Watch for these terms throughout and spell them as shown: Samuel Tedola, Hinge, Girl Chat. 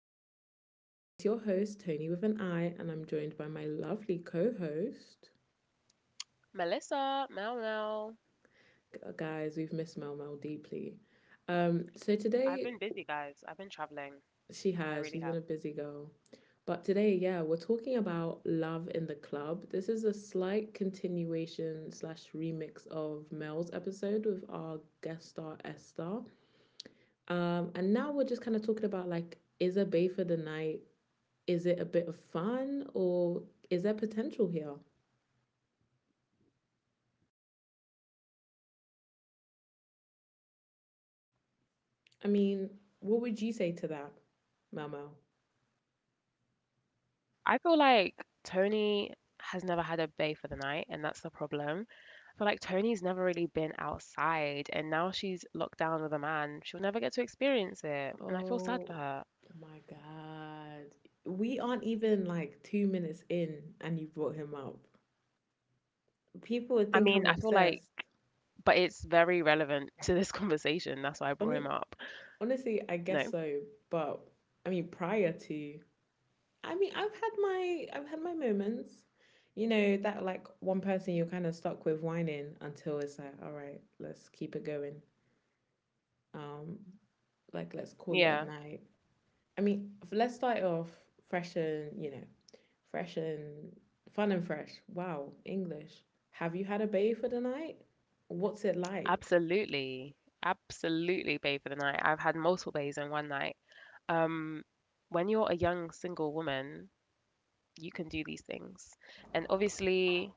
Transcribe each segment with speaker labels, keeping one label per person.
Speaker 1: Chat. It's your host, Tony with an I, and I'm joined by my lovely co host.
Speaker 2: Melissa, Mel, Mel.
Speaker 1: Guys, we've missed Mel Mel deeply. So
Speaker 2: I've been
Speaker 1: today,
Speaker 2: busy, guys. I've been traveling. I really have.
Speaker 1: she's been a busy girl. But today, yeah, we're talking about Love in the Club. This is a slight continuation slash remix of Mel's episode with our guest star, Esther. And now we're just kind of talking about like, is a bay for the night? Is it a bit of fun, or is there potential here? I mean, what would you say to that, Mel Mel?
Speaker 2: I feel like Tony has never had a bay for the night, and that's the problem. I feel like Tony's never really been outside, and now she's locked down with a man. She'll never get to experience it, and I feel sad for
Speaker 1: Oh
Speaker 2: her.
Speaker 1: my God. We aren't even like 2 minutes in and you brought him up. People would
Speaker 2: I
Speaker 1: think I'm
Speaker 2: mean, I feel like,
Speaker 1: obsessed.
Speaker 2: but it's very relevant to this conversation. That's why I brought him
Speaker 1: Hon-
Speaker 2: up.
Speaker 1: Honestly, I guess
Speaker 2: No,
Speaker 1: so. But I mean, prior to, I mean, I've had my moments. You know, that like one person you're kind of stuck with whining until it's like, all right, let's keep it going. Um, like let's call it a
Speaker 2: yeah,
Speaker 1: night. I mean, let's start it off fresh, and fresh and fun and fresh. Wow, English. Have you had a baby for the night? What's it like?
Speaker 2: absolutely. Absolutely, bay for the night. I've had multiple bays in one night. um, when you're a young single woman, you can do these things. And obviously,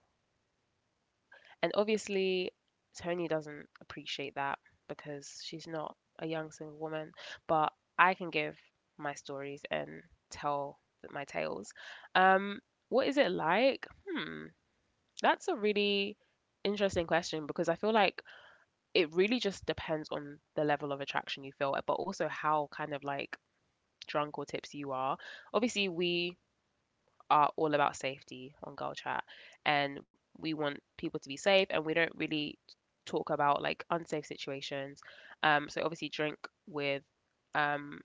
Speaker 2: and obviously, Tony doesn't appreciate that because she's not a young single woman. But I can give my stories and my tales. Um, what is it like? That's a really interesting question because I feel like it really just depends on the level of attraction you feel, but also how kind of drunk or tipsy you are. Obviously we are all about safety on Girl Chat, and we want people to be safe, and we don't really talk about like unsafe situations. So obviously drink with um,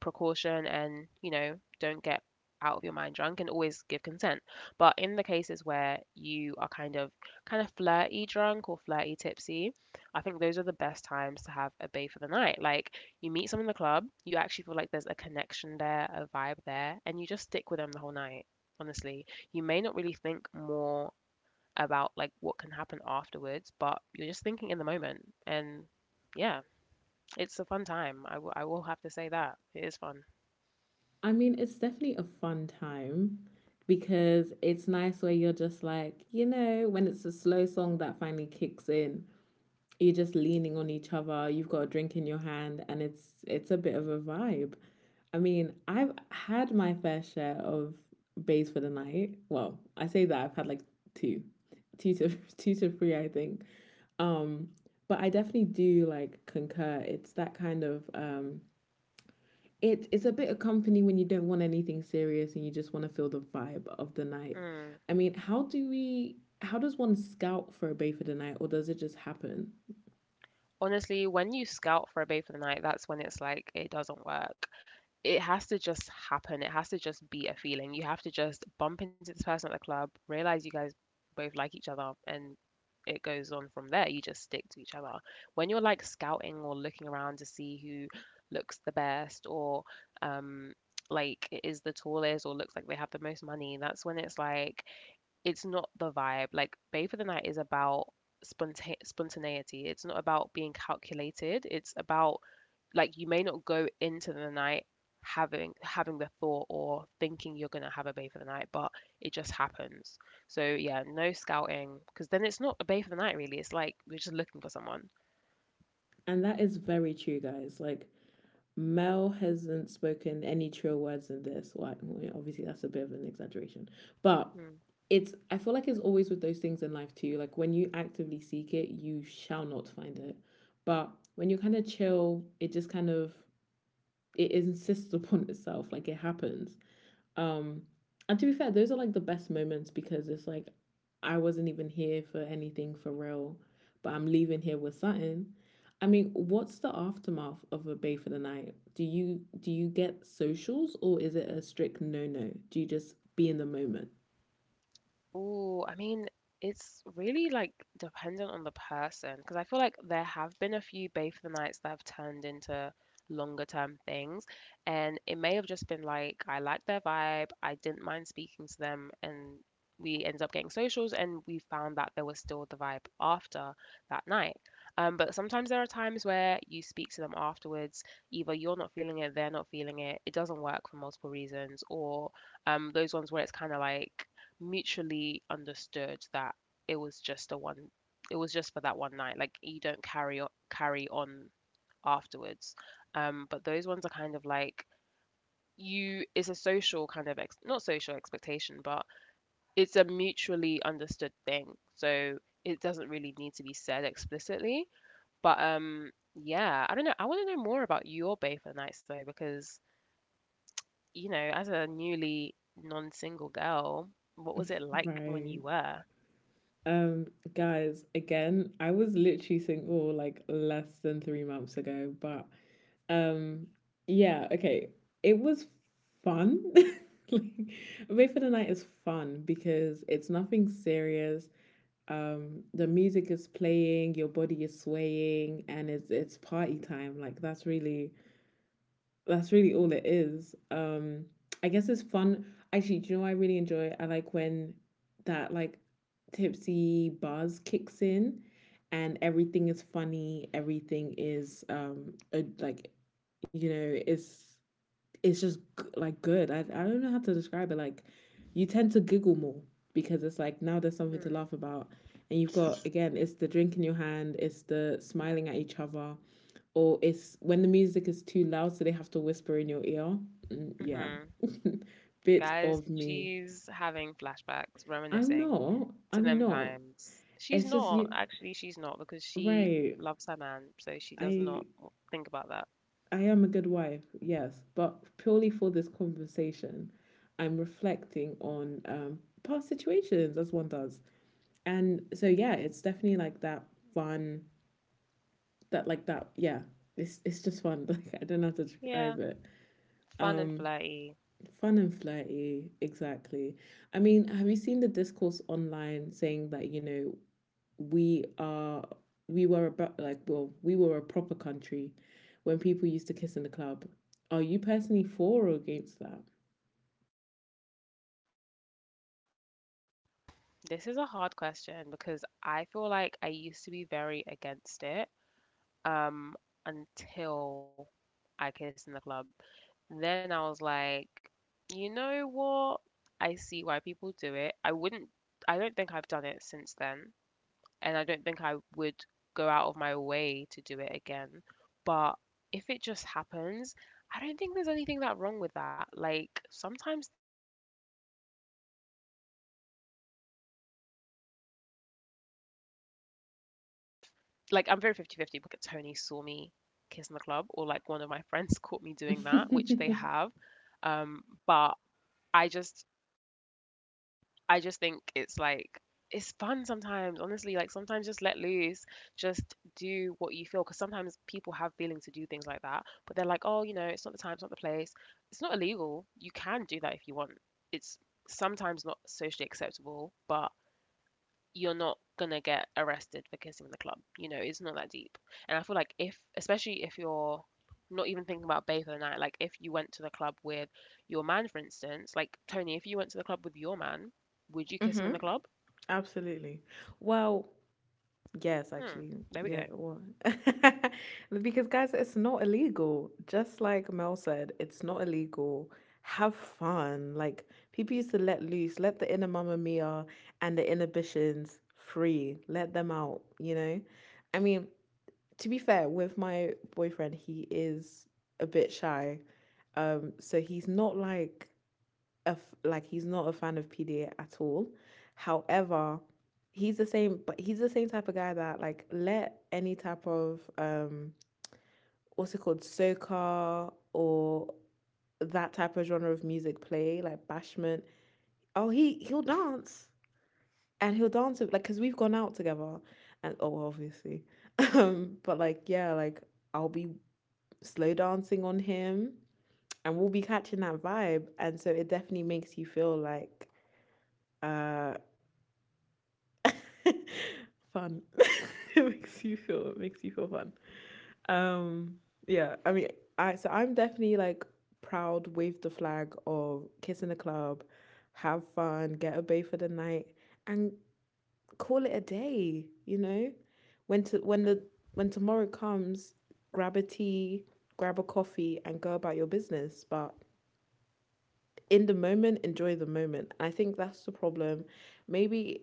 Speaker 2: precaution, and you know, don't get out of your mind drunk, and always give consent. But in the cases where you are kind of flirty drunk or flirty tipsy, I think those are the best times to have a bay for the night. Like you meet someone in the club, you actually feel like there's a connection there, a vibe there, and you just stick with them the whole night. Honestly, you may not really think more about like what can happen afterwards, but you're just thinking in the moment. And yeah, it's a fun time. I will have to say that. It is fun.
Speaker 1: I mean, it's definitely a fun time because it's nice where you're just like, you know, when it's a slow song that finally kicks in, you're just leaning on each other, you've got a drink in your hand, and it's a bit of a vibe. I mean, I've had my fair share of bays for the night. Well, I say that, I've had like two two to two to three, I think. um but I definitely do like concur. It's that kind of it's a bit of company when you don't want anything serious and you just want to feel the vibe of the night.
Speaker 2: Mm.
Speaker 1: I mean how do we How does one scout for a bay for the night, or does it just happen?
Speaker 2: Honestly, when you scout for a bay for the night, that's when it's like it doesn't work. It has to just happen. It has to just be a feeling. You have to just bump into this person at the club, realize you guys both like each other, and it goes on from there. You just stick to each other. When you're like scouting or looking around to see who looks the best, or um like is the tallest, or looks like they have the most money, that's when it's like it's not the vibe. Like Bay for the Night is about spontaneity. It's not about being calculated. It's about like you may not go into the night having the thought or thinking you're gonna have a bay for the night, but it just happens. So yeah, no scouting, because then it's not a bay for the night really. It's like we're just looking for someone.
Speaker 1: And that is very true, guys. Like, Mel hasn't spoken any true words in this. Well, obviously, that's a bit of an exaggeration. But
Speaker 2: Mm.
Speaker 1: I feel like it's always with those things in life too. Like, when you actively seek it, you shall not find it. But when you're kind of chill, it just kind of, it insists upon itself. Like, it happens. Um, and to be fair, those are like the best moments because it's like I wasn't even here for anything for real, but I'm leaving here with something. I mean, what's the aftermath of a bay for the night? Do you get socials, or is it a strict no no? Do you just be in the moment?
Speaker 2: Ooh, I mean, it's really like dependent on the person, because I feel like there have been a few Bathe the nights that have turned into longer term things, and it may have just been like I liked their vibe, I didn't mind speaking to them, and we ended up getting socials, and we found that there was still the vibe after that night. But sometimes there are times where you speak to them afterwards, either you're not feeling it, they're not feeling it, it doesn't work for multiple reasons, or those ones where it's kind of like mutually understood that it was just a one it was just for that one night, like you don't carry on afterwards. But those ones are kind of like you it's a social kind of ex- not social expectation, but it's a mutually understood thing, so it doesn't really need to be said explicitly. But yeah, I don't know, I want to know more about your bather nights though, because you know, as a newly non-single girl, what was it like when
Speaker 1: Right.
Speaker 2: you were.
Speaker 1: Um, Guys, again, I was literally single like less than 3 months ago, but Um, yeah, okay. It was fun. Like, Away for the Night is fun because it's nothing serious. The music is playing, your body is swaying, and it's party time. Like that's really all it is. I guess it's fun. Actually, do you know what I really enjoy? I like when that like tipsy buzz kicks in, and everything is funny. Everything is a, like, you know, it's just like good. I don't know how to describe it. Like you tend to giggle more because it's like now there's something to
Speaker 2: Hmm.
Speaker 1: laugh about, and you've got, again, it's the drink in your hand, it's the smiling at each other, or it's when the music is too loud so they have to whisper in your ear. Mm, yeah,
Speaker 2: Mhm.
Speaker 1: bit
Speaker 2: Guys,
Speaker 1: of me.
Speaker 2: she's having flashbacks,
Speaker 1: I'm
Speaker 2: reminiscing
Speaker 1: not.
Speaker 2: to
Speaker 1: I'm
Speaker 2: them
Speaker 1: not.
Speaker 2: times. She's
Speaker 1: It's just
Speaker 2: not,
Speaker 1: you.
Speaker 2: actually, she's not, because she
Speaker 1: Right.
Speaker 2: loves her man, so she does not
Speaker 1: I
Speaker 2: think about that.
Speaker 1: I am a good wife, yes, but purely for this conversation, I'm reflecting on past situations as one does. And so yeah, it's definitely like that fun, that like that yeah, it's just fun. Like I don't know how to describe
Speaker 2: Yeah,
Speaker 1: it.
Speaker 2: fun and
Speaker 1: Um,
Speaker 2: flirty.
Speaker 1: Fun and flirty, exactly. I mean, have you seen the discourse online saying that you know we are we were about like, well, we were a proper country when people used to kiss in the club? Are you personally for or against that?
Speaker 2: Oh, this is a really, this is a hard question, because I feel like I used to be very against it. um until I kissed in the club. Then I was like, you know what? I see why people do it. I don't think I've done it since then, and I don't think I would go out of my way to do it again. But if it just happens, I don't think there's anything that wrong with that. Like sometimes things like that just happen, and I feel like I would be horrified if I'm very fifty-fifty, because I think I would be horrified if someone like Tony saw me kiss in the club, or like one of my friends caught me doing that, which they have. Um, but I just I just think it's like it's fun sometimes, honestly. Like sometimes just let loose, just do what you feel. Because sometimes people have feelings to do things like that, but they're like, oh, you know, it's not the time, it's not the place. It's not illegal. You can do that if you want. It's sometimes not socially acceptable, but you're not gonna get arrested for kissing in the club. You know, it's not that deep. And I feel like if, especially if you're not even thinking about bae for the night, like if you went to the club with your man, for instance, like Tony, if you went to the club with your man, would you kiss him
Speaker 1: Mm-hmm.
Speaker 2: in the club?
Speaker 1: Absolutely. Well, yes,
Speaker 2: Hmm.
Speaker 1: actually.
Speaker 2: There we
Speaker 1: Yeah,
Speaker 2: go.
Speaker 1: it was. Because, guys, it's not illegal. Just like Mel said, it's not illegal. Have fun. Like, people used to let loose, let the inner Mamma Mia and the inhibitions free, let them out, you know? I mean, to be fair, with my boyfriend, he is a bit shy. So he's not like he's not a fan of PDA at all. However, he's the same type of guy that like let any type of what's it called, soca or that type of genre of music play, like bashment. Oh, he'll dance, and he'll dance with, like because we've gone out together and oh obviously, but like yeah like I'll be slow dancing on him and we'll be catching that vibe, and so it definitely makes you feel like uh, fun. It makes you feel. It makes you feel fun. Um, yeah. I'm definitely like proud, wave the flag of kiss in the club, have fun, get a bay for the night, and call it a day. You know, when to when the
Speaker 2: Mm.
Speaker 1: when tomorrow comes, grab a tea, grab a coffee, and go about your business. But in the moment, enjoy the moment. I think that's the problem. Maybe,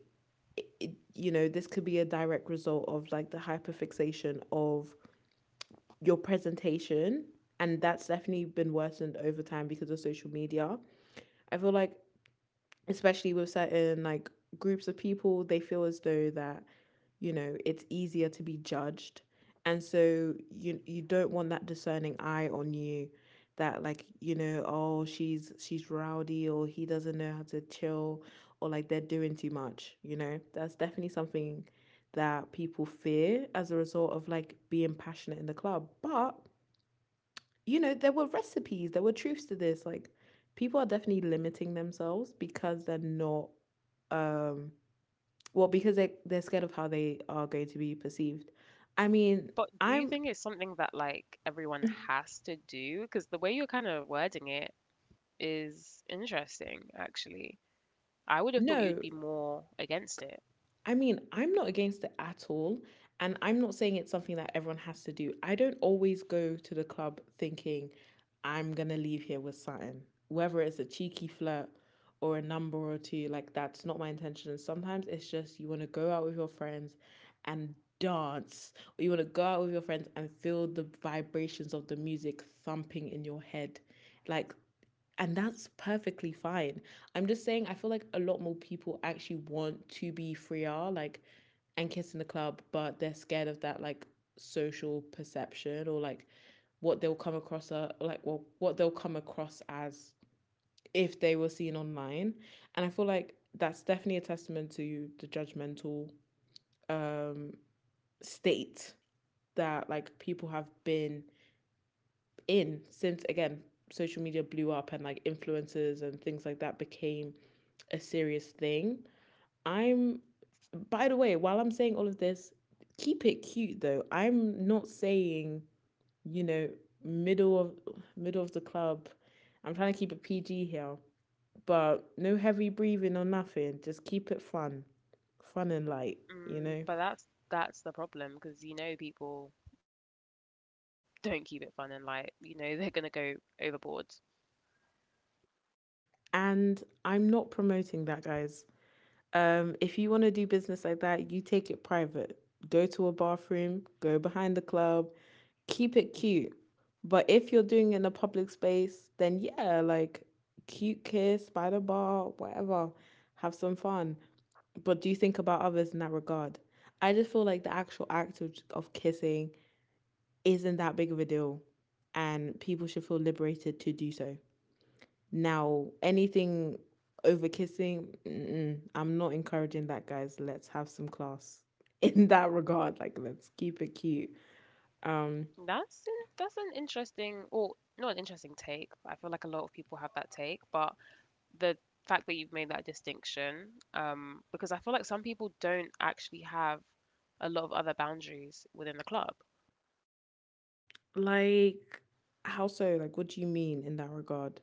Speaker 1: it, you know, this could be a direct result of like the hyperfixation of your presentation. And that's definitely been worsened over time because of social media. I feel like especially with certain like groups of people, they feel as though that, you know, it's easier to be judged. And so you don't want that discerning eye on you that like, you know, oh, she's rowdy, or he doesn't know how to chill, or like they're doing too much, you know? That's definitely something that people fear as a result of like being passionate in the club. But, you know, there were recipes, there were truths to this. Like people are definitely limiting themselves because they're not um well because they're scared of how they are going to be perceived. I mean
Speaker 2: But do you
Speaker 1: I'm
Speaker 2: think it's something that like everyone has to do? Because the way you're kind of wording it is interesting, actually. I would have thought you'd
Speaker 1: No.
Speaker 2: be more against it.
Speaker 1: I mean, I'm not against it at all. And I'm not saying it's something that everyone has to do. I don't always go to the club thinking I'm going to leave here with something, whether it's a cheeky flirt or a number or two. Like, that's not my intention. Sometimes it's just you want to go out with your friends and dance, or you want to go out with your friends and feel the vibrations of the music thumping in your head. Like, and that's perfectly fine. I'm just saying, I feel like a lot more people actually want to be freer, like, and kiss in the club, but they're scared of that, like, social perception or, like, what they'll come across as if they were seen online. And I feel like that's definitely a testament to the judgmental um, state that, like, people have been in since, again, social media blew up and like influencers and things like that became a serious thing. I'm By the way, while I'm saying all of this, keep it cute though. I'm not saying, you know, middle of middle of the club. I'm trying to keep it PG here, but no heavy breathing or nothing. Just keep it fun. Fun and light, you
Speaker 2: Mm,
Speaker 1: know?
Speaker 2: but that's the problem, because you know people don't keep it fun and like. You know they're gonna go overboard.
Speaker 1: And I'm not promoting that, guys. If you want to do business like that, you take it private. Go to a bathroom, go behind the club, keep it cute. But if you're doing it in a public space, then yeah, like cute kiss, by the bar, whatever. Have some fun. But do you think about others in that regard? I just feel like the actual act of kissing isn't that big of a deal, and people should feel liberated to do so. Now, anything over kissing, mm-mm, I'm not encouraging that, guys. Let's have some class in that regard. Like, let's keep it cute. Um,
Speaker 2: That's an, that's an interesting or not an interesting take. I feel like a lot of people have that take, but the fact that you've made that distinction, because I feel like some people don't actually have a lot of other boundaries within the club.
Speaker 1: like, how so? Like, what do you mean in that regard?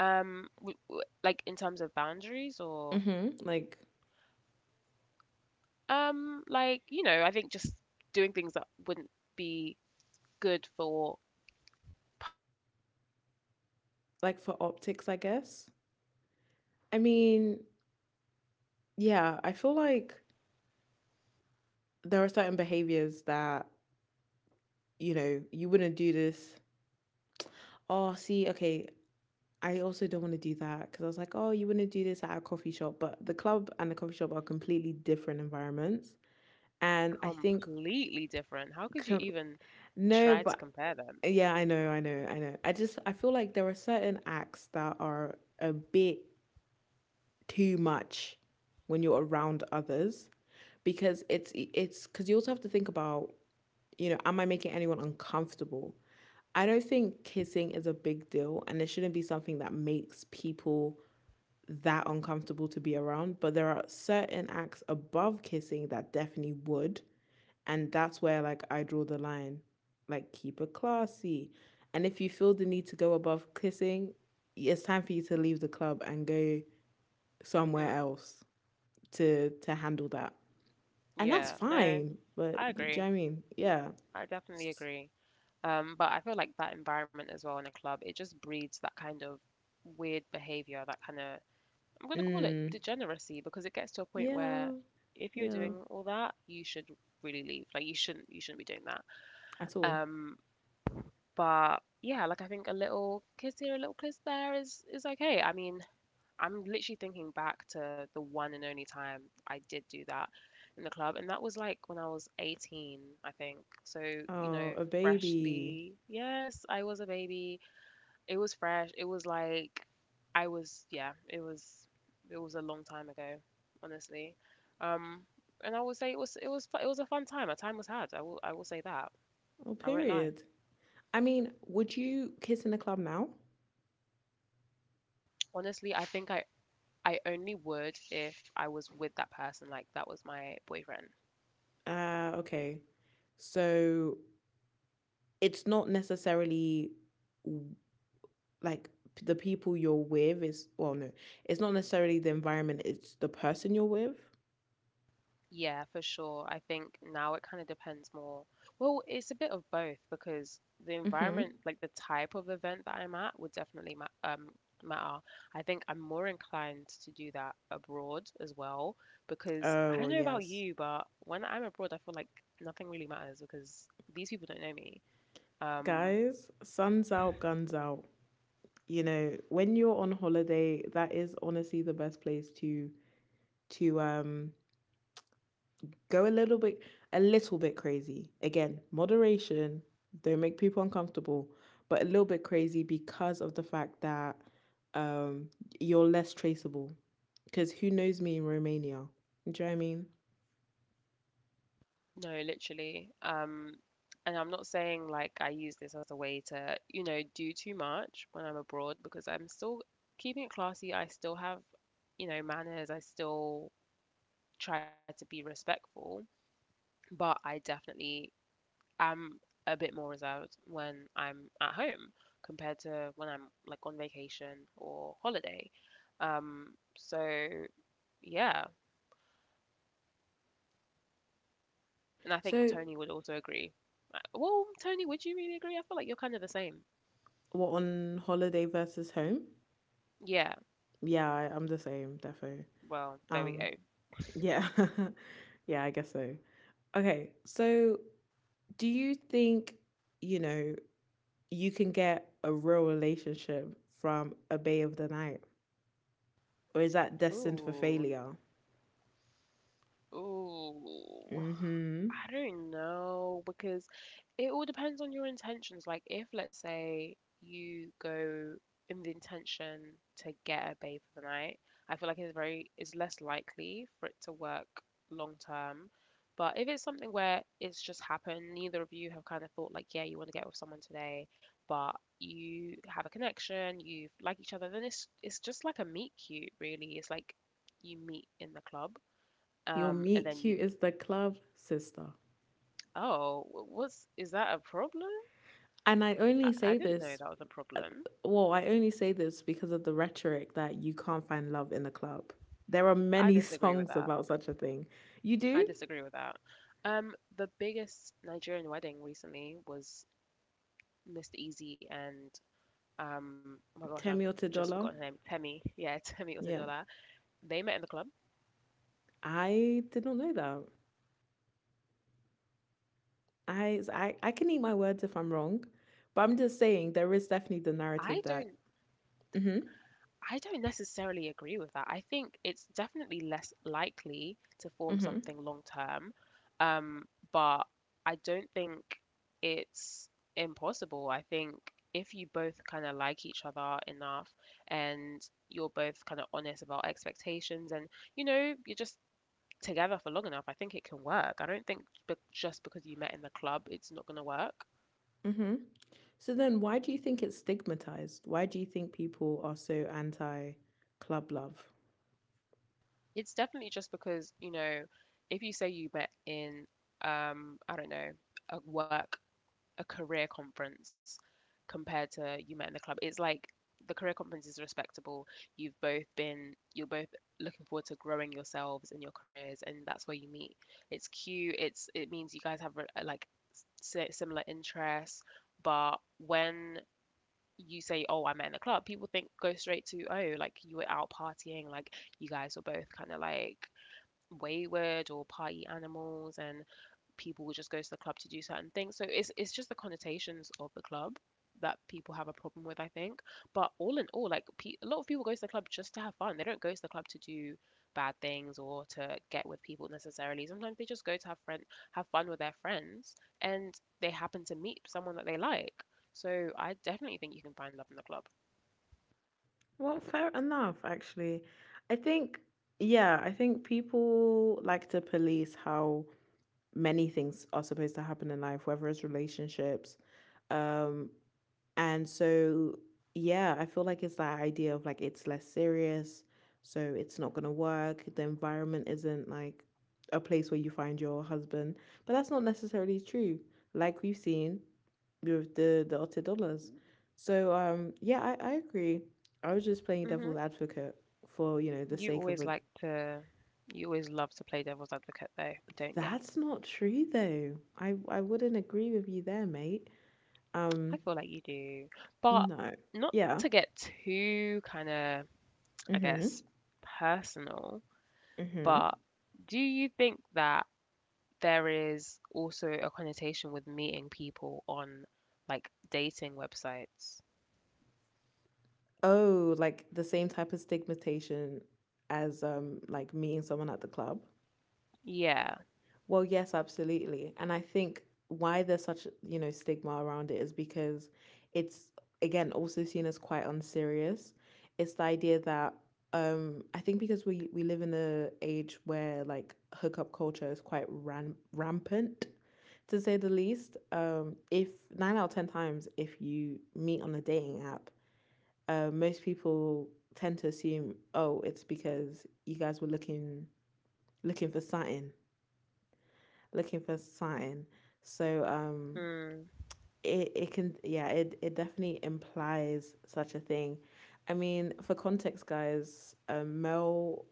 Speaker 2: Like in terms of boundaries, or
Speaker 1: Mm-hmm.
Speaker 2: like you know, I think just doing things that wouldn't be good for public, I guess.
Speaker 1: Like for optics, I guess.
Speaker 2: No, no,
Speaker 1: I
Speaker 2: not optics.
Speaker 1: mean,
Speaker 2: Like you shouldn't be doing that in
Speaker 1: yeah, I
Speaker 2: public.
Speaker 1: feel like there are certain behaviors that you know you wouldn't do this. Oh, see, okay, I also don't want to do that because I was like, oh, you want to do this at a coffee shop, but the club and the coffee shop are completely different environments. And I think
Speaker 2: Completely different. How could you
Speaker 1: com-
Speaker 2: even
Speaker 1: no,
Speaker 2: try to
Speaker 1: but
Speaker 2: compare them?
Speaker 1: yeah, I know, I know, I know. I feel like there are certain acts that are a bit too much when you're around others, because it's because you also have to think about, you know, am I making anyone uncomfortable? I don't think kissing is a big deal and it shouldn't be something that makes people that uncomfortable to be around, but there are certain acts above kissing that definitely would, and that's where, like, I draw the line. Like, keep it classy. And if you feel the need to go above kissing, it's time for you to leave the club and go somewhere
Speaker 2: Mm,
Speaker 1: else to handle that. And that's
Speaker 2: yeah, no,
Speaker 1: fine, but
Speaker 2: I
Speaker 1: do you know
Speaker 2: agree.
Speaker 1: what I mean? Yeah.
Speaker 2: I definitely
Speaker 1: S-
Speaker 2: agree. But I feel like that environment as well in a club, it just breeds that kind of weird behavior, that kind of, I'm going to call it
Speaker 1: Mm,
Speaker 2: degeneracy, because it gets to a point where
Speaker 1: yeah,
Speaker 2: if you're
Speaker 1: yeah.
Speaker 2: doing all that, you should really leave. Like you shouldn't be doing that.
Speaker 1: At all.
Speaker 2: Um, But yeah, like I think a little kiss here, a little kiss there is okay. I mean, I'm literally thinking back to the one and only time I did do that in the club, and that was like when I was 18, I think. So, you
Speaker 1: Oh,
Speaker 2: know,
Speaker 1: a baby.
Speaker 2: freshly, yes, I was a baby. It was fresh. It was, it was a long time ago, honestly. Um, and I would say it was it was a fun time. A time was had. I will say that.
Speaker 1: Oh,
Speaker 2: I won't lie.
Speaker 1: period. I mean, would you kiss in a club now?
Speaker 2: Honestly, I only would if I was with that person, like that was my boyfriend.
Speaker 1: Ah, okay. So it's not necessarily, w- like, the people you're with is, well, no, it's not necessarily the environment, it's the person you're with.
Speaker 2: Yeah, for sure. I think now it kind of depends more. Well, it's a bit of both, because the
Speaker 1: Mm-hmm.
Speaker 2: environment, like the type of event that I'm at, would definitely ma matter. I think I'm more inclined to do that abroad as well, because
Speaker 1: Oh,
Speaker 2: I don't
Speaker 1: well,
Speaker 2: know about
Speaker 1: yes.
Speaker 2: you, but when I'm abroad, I feel like nothing really matters because these people don't know me. Um,
Speaker 1: Guys, sun's out, guns out. You know, when you're on holiday, that is honestly the best place to go a little bit crazy. Again, moderation. Don't make people uncomfortable, but a little bit crazy, because of the fact that, um you're less traceable, because who knows me in Romania? Do you know what I mean?
Speaker 2: No, literally. And I'm not saying like I use this as a way to, you know, do too much when I'm abroad, because I'm still keeping it classy. I still have, you know, manners. I still try to be respectful, but I definitely am a bit more reserved when I'm at home compared to when I'm like on vacation or holiday. Um, so yeah, and I think
Speaker 1: So
Speaker 2: Tony would also agree. Well, Tony, would you really agree? I feel like you're kind of the same.
Speaker 1: what, on holiday versus home?
Speaker 2: Yeah.
Speaker 1: Yeah, I'm the same, definitely.
Speaker 2: Well, there we
Speaker 1: Um,
Speaker 2: go.
Speaker 1: yeah, yeah, I guess so. Okay, so do you think, you know you can get a real relationship from a bay of the night, or is that destined for
Speaker 2: Ooh,
Speaker 1: failure?
Speaker 2: ooh.
Speaker 1: Mm-hmm.
Speaker 2: I don't know because it all depends on your intentions. Like, if let's say you go in the intention to get a babe for the night, I feel like it's less likely for it to work long term. But if it's something where it's just happened, neither of you have kind of thought like, yeah, you want to get with someone today, but you have a connection, you like each other, then it's just like a meet cute, really. It's like you meet in the club
Speaker 1: Your meet
Speaker 2: and then you
Speaker 1: cute is the club, sister.
Speaker 2: Oh, what's is that a problem?
Speaker 1: And I
Speaker 2: I,
Speaker 1: only
Speaker 2: I
Speaker 1: say
Speaker 2: didn't know
Speaker 1: this,
Speaker 2: that was a
Speaker 1: uh,
Speaker 2: problem.
Speaker 1: well, I only say this because of the rhetoric that you can't find love in the club. There are
Speaker 2: I
Speaker 1: many
Speaker 2: disagree with
Speaker 1: songs
Speaker 2: that.
Speaker 1: about such a thing. You
Speaker 2: I
Speaker 1: do?
Speaker 2: disagree with that. The biggest Nigerian wedding recently was Mr. Easy and oh my gosh, I've
Speaker 1: Samuel
Speaker 2: just forgotten
Speaker 1: Tedola.
Speaker 2: her name. Temi. Yeah, Temi
Speaker 1: Yeah.
Speaker 2: Osei. They met in the club.
Speaker 1: I did not know that. I can eat my words if I'm wrong, but I'm just saying there is definitely
Speaker 2: I
Speaker 1: the
Speaker 2: don't
Speaker 1: narrative that. Mhm.
Speaker 2: I don't necessarily agree with that. I think it's definitely less likely to form something
Speaker 1: Mhm.
Speaker 2: long term, um, but I don't think it's impossible. I think if you both kind of like each other enough and you're both kind of honest about expectations and, you're just together for long enough, I think it can work. I don't think just because you met in the club, it's not going to work.
Speaker 1: Mhm. So then why do you think it's stigmatized? Why do you think people are so anti club love?
Speaker 2: It's definitely just because, if you say you met in, I don't know, a work, a career conference compared to you met in the club, it's like the career conference is respectable. You've both been, you're both looking forward to growing yourselves in your careers, and that's where you meet. It's cute. It means you guys have like similar interests, but when you say, "Oh, I met in the club," people think go straight to, "Oh, like you were out partying, like," you guys were both kind of like wayward or party animals and people who just go to the club to do certain things. So it's just the connotations of the club that people have a problem with, I think. But all in all, like a lot of people go to the club just to have fun. They don't go to the club to do bad things or to get with people necessarily. Sometimes they just go to have fun with their friends and they happen to meet someone that they like. So I definitely think you can find love in the club.
Speaker 1: Well, fair enough actually. I think yeah, I think people like to police how many things are supposed to happen in life, whether it's relationships, um and so, yeah, I feel like it's that idea of, like, it's less serious, so it's not gonna work. The environment isn't like a place where you find your husband, but that's not necessarily true. Like, we've seen with the Otter dollars. So yeah, I agree. I was just playing
Speaker 2: Hmm.
Speaker 1: devil's advocate for, the
Speaker 2: You
Speaker 1: sake of
Speaker 2: always
Speaker 1: a.
Speaker 2: like to you always love to play devil's advocate though, don't you?
Speaker 1: That's not true though. I wouldn't agree with you there, mate.
Speaker 2: I
Speaker 1: Um,
Speaker 2: feel like you do, but
Speaker 1: no.
Speaker 2: not to
Speaker 1: Yeah.
Speaker 2: get too kind of, I
Speaker 1: Mhm.
Speaker 2: guess, personal,
Speaker 1: Mhm.
Speaker 2: but do you think that there is also a connotation with meeting people on like dating websites?
Speaker 1: Oh, like the same type of stigmatization as like meeting someone at the club?
Speaker 2: Yeah.
Speaker 1: Well, yes, absolutely. And I think why there's such, stigma around it is because it's again also seen as quite unserious. It's the idea that, I think, because we live in a age where, like, hookup culture is quite rampant, to say the least. If 9 out of 10 times, if you meet on a dating app, most people tend to assume, oh, it's because you guys were looking, looking for something, looking for something. So
Speaker 2: Mm,
Speaker 1: it can, yeah, it definitely implies such a thing. I mean, for context, guys, Mel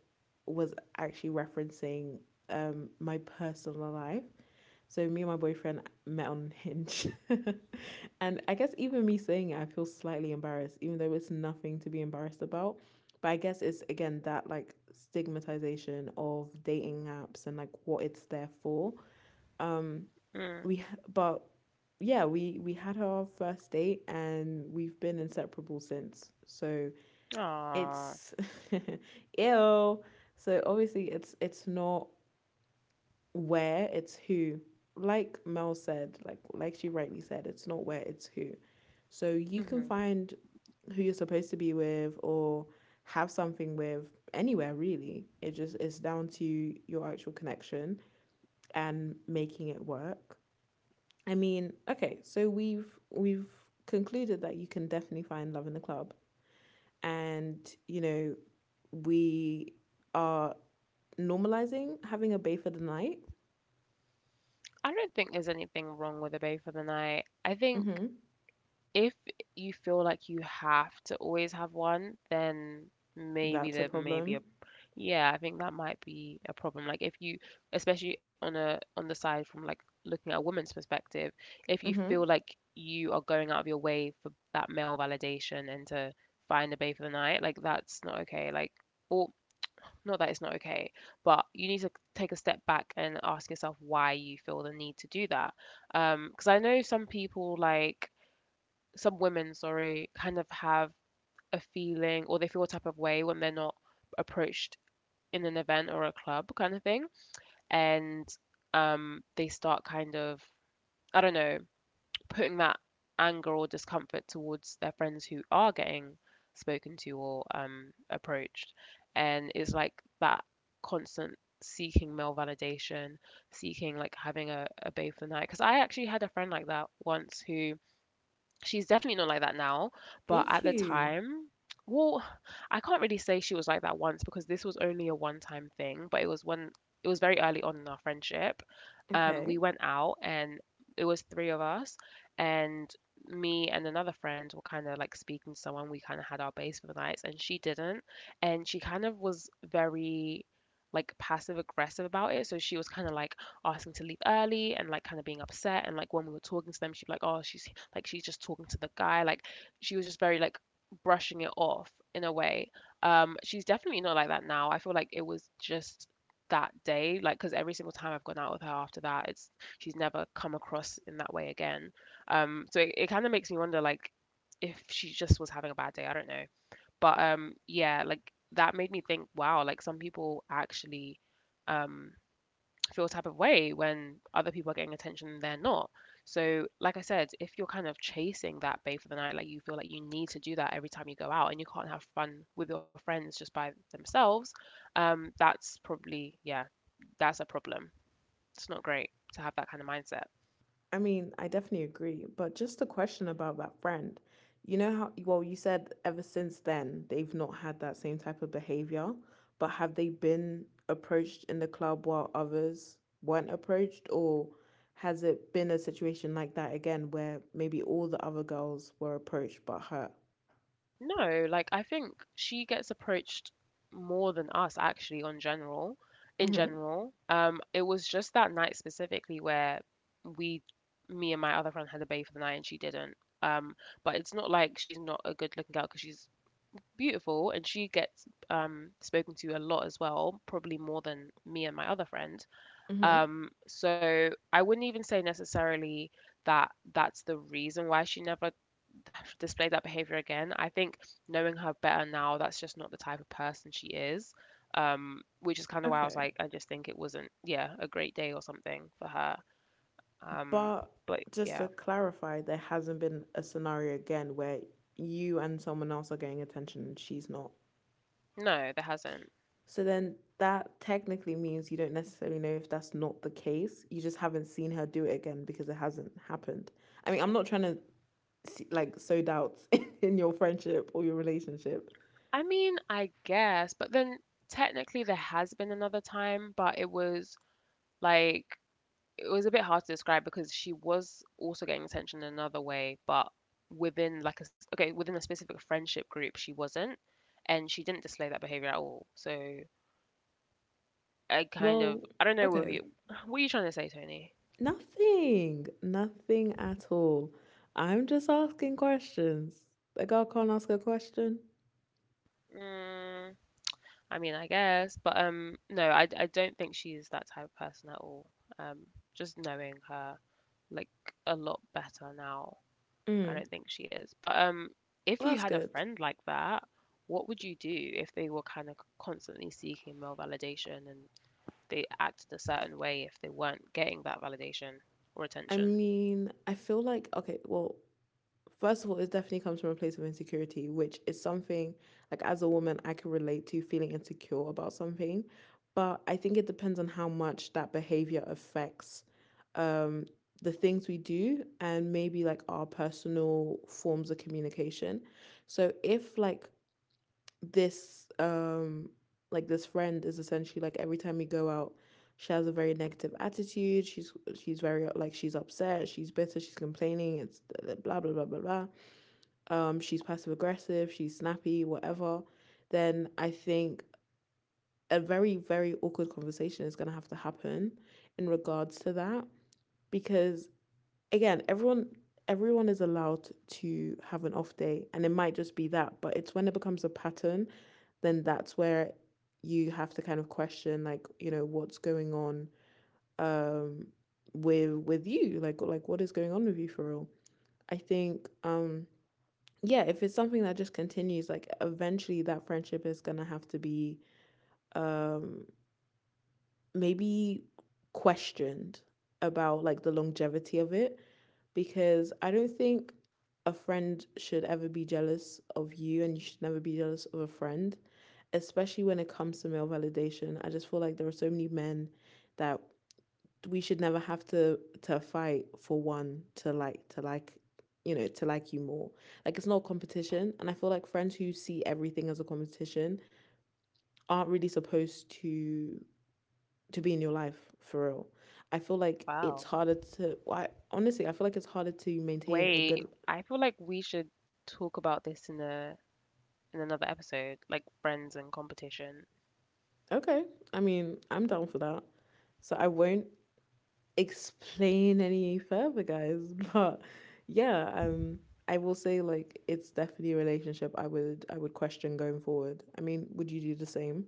Speaker 1: was actually referencing my personal life, so me and my boyfriend met on Hinge. And I guess even me saying it, I feel slightly embarrassed, even though it's nothing to be embarrassed about. But I guess it's again that, like, stigmatization of dating apps and, like, what it's there for. Um
Speaker 2: mm.
Speaker 1: we but yeah, we had our first date, and we've been inseparable since. So
Speaker 2: Aw.
Speaker 1: it's ill. So obviously it's not where, it's who. Like Mel said, like she rightly said, it's not where, it's who. So you can
Speaker 2: Hmm.
Speaker 1: find who you're supposed to be with, or have something with, anywhere really. It just is down to your actual connection and making it work. I mean, okay, so we've concluded that you can definitely find love in the club, and, you know we are normalizing having a bay for the night.
Speaker 2: I don't think there's anything wrong with a bay for the night. I think
Speaker 1: Mm-hmm.
Speaker 2: if you feel like you have to always have one, then maybe
Speaker 1: That's a
Speaker 2: there may be
Speaker 1: problem.
Speaker 2: a. Yeah, I think that might be a problem. Like if you, especially on the side from like looking at a woman's perspective, if you
Speaker 1: Hmm.
Speaker 2: feel like you are going out of your way for that male validation and to find a babe for the night, like that's not okay. Like or not that it's not okay, but you need to take a step back and ask yourself why you feel the need to do that. Because I know some people like some women, sorry, kind of have a feeling or they feel a type of way when they're not approached in an event or a club kind of thing. And they start kind of, I don't know, putting that anger or discomfort towards their friends who are getting spoken to or approached. And it's like that constant seeking male validation, seeking like having a babe for the night. Because I actually had a friend like that once who. She's definitely not like that now, but at
Speaker 1: Did
Speaker 2: the
Speaker 1: you?
Speaker 2: time, well, I can't really say she was like that once because this was only a one-time thing, but it was when it was very early on in our friendship. We
Speaker 1: Okay.
Speaker 2: went out and it was three of us, and me and another friend were kind of like speaking to someone. We kind of had our base for the nights and she didn't. And she kind of was very like passive aggressive about it, so she was kind of like asking to leave early and like kind of being upset, and like when we were talking to them she'd be like, "Oh, she's like she's just talking to the guy," like. She was just very like brushing it off in a way. She's definitely not like that now. I feel like it was just that day, like, because every single time I've gone out with her after that, it's she's never come across in that way again. So it kind of makes me wonder like if she just was having a bad day, I don't know. But yeah, like that made me think wow, like some people actually um feel a type of way when other people are getting attention and they're not. So like I said, if you're kind of chasing that babe for the night, like you feel like you need to do that every time you go out and you can't have fun with your friends just by themselves, that's probably, yeah, that's a problem. It's not great to have that kind of mindset.
Speaker 1: I mean, I definitely agree, but just a question about that friend. You know how, well, you said ever since then they've not had that same type of behavior, but have they been approached in the club while others weren't approached, or has it been a situation like that again where maybe all the other girls were approached but her?
Speaker 2: No, like I think she gets approached more than us actually on general in
Speaker 1: Mm-hmm.
Speaker 2: general. It was just that night specifically where we me and my other friend had a bay for the night and she didn't. Um but it's not like she's not a good looking girl because she's beautiful and she gets spoken to a lot as well, probably more than me and my other friend.
Speaker 1: Mm-hmm.
Speaker 2: So I wouldn't even say necessarily that that's the reason why she never displayed that behavior again. I think knowing her better now, that's just not the type of person she is. Which is kind of why I was
Speaker 1: Okay.
Speaker 2: like, I just think it wasn't, yeah, a great day or something for her. Um,
Speaker 1: But
Speaker 2: but
Speaker 1: just
Speaker 2: yeah,
Speaker 1: to clarify, there hasn't been a scenario again where you and someone else are getting attention and she's not.
Speaker 2: no, there hasn't.
Speaker 1: So then that technically means you don't necessarily know if that's not the case. You just haven't seen her do it again because it hasn't happened. I mean, I'm not trying to see, like, sow doubts in your friendship or your relationship.
Speaker 2: I mean, I guess, but then technically there has been another time, but like it was a bit hard to describe because she was also getting attention in another way, but within like a, s- okay within a specific friendship group she wasn't, and she didn't display that behavior at all. So I kind of
Speaker 1: Well,
Speaker 2: I don't know what
Speaker 1: okay.
Speaker 2: you. What are you trying to say, Tony?
Speaker 1: Nothing, nothing at all. I'm just asking questions. A girl can't ask a question.
Speaker 2: Mm, I mean I guess, but no, I don't think she is that type of person at all. um just knowing her, like, a lot better now, I
Speaker 1: Mm,
Speaker 2: don't think she is. But if
Speaker 1: well,
Speaker 2: you
Speaker 1: that's
Speaker 2: had a
Speaker 1: good.
Speaker 2: friend like that, what would you do if they were kind of constantly seeking male validation and they acted a certain way if they weren't getting that validation or
Speaker 1: I
Speaker 2: attention?
Speaker 1: mean, I feel like, okay, well, first of all, it definitely comes from a place of insecurity, which is something, like, as a woman I can relate to, feeling insecure about something. But I think it depends on how much that behavior affects um the things we do, and maybe, like, our personal forms of communication. So if, like, this like this friend is essentially, like, every time we go out she has a very negative attitude, she's very, like, she's upset, she's bitter, she's complaining, it's blah blah blah blah blah, she's passive aggressive, she's snappy, whatever, then I think a very, very awkward conversation is going to have to happen in regards to that. Because, again, everyone, everyone is allowed to have an off day, and it might just be that, but it's when it becomes a pattern, then that's where you have to kind of question, like, you know, what's going on, um with you, like what is going on with you, for real. I think, yeah, if it's something that just continues, like, eventually that friendship is going to have to be, um maybe, questioned about, like, the longevity of it. Because I don't think a friend should ever be jealous of you, and you should never be jealous of a friend, especially when it comes to male validation. I just feel like there are so many men that we should never have to fight for one to, like you more. Like, it's not a competition, and I feel like friends who see everything as a competition aren't really supposed to be in your life, for real. I feel like it's
Speaker 2: Wow.
Speaker 1: harder to, well, honestly, I feel like it's harder to maintain a good.
Speaker 2: Wait, I feel like we should talk about this in a in another episode, like friends and competition.
Speaker 1: Okay. I mean, I'm down for that. So I won't explain any further, guys. But yeah, I will say, like, it's definitely a relationship I would question going forward. I mean, would you do the same?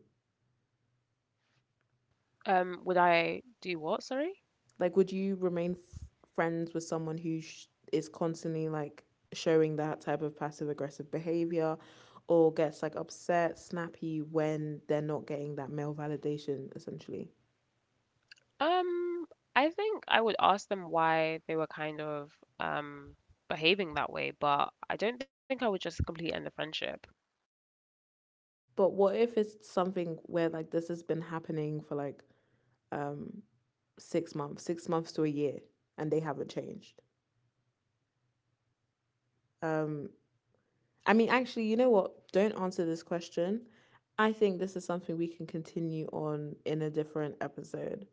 Speaker 2: Would I do what? Sorry?
Speaker 1: Like, would you remain friends with someone who is constantly, like, showing that type of passive aggressive behavior, or gets, like, upset, snappy when they're not getting that male validation, essentially?
Speaker 2: Um, I think I would ask them why they were kind of um behaving that way, but I don't think I would just completely end the friendship.
Speaker 1: But what if it's something where, like, this has been happening for, like, um 6 months, 6 months to a year, and they haven't changed? Um, I mean, actually, you know what? Don't answer this question. I think this is something we can continue on in a different episode.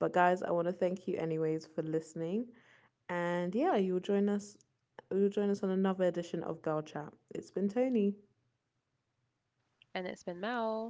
Speaker 1: But guys, I want to thank you anyways for listening, and yeah, you'll join us. You'll join us on another edition of Girl Chat. It's been Tony.
Speaker 2: And it's been Mel.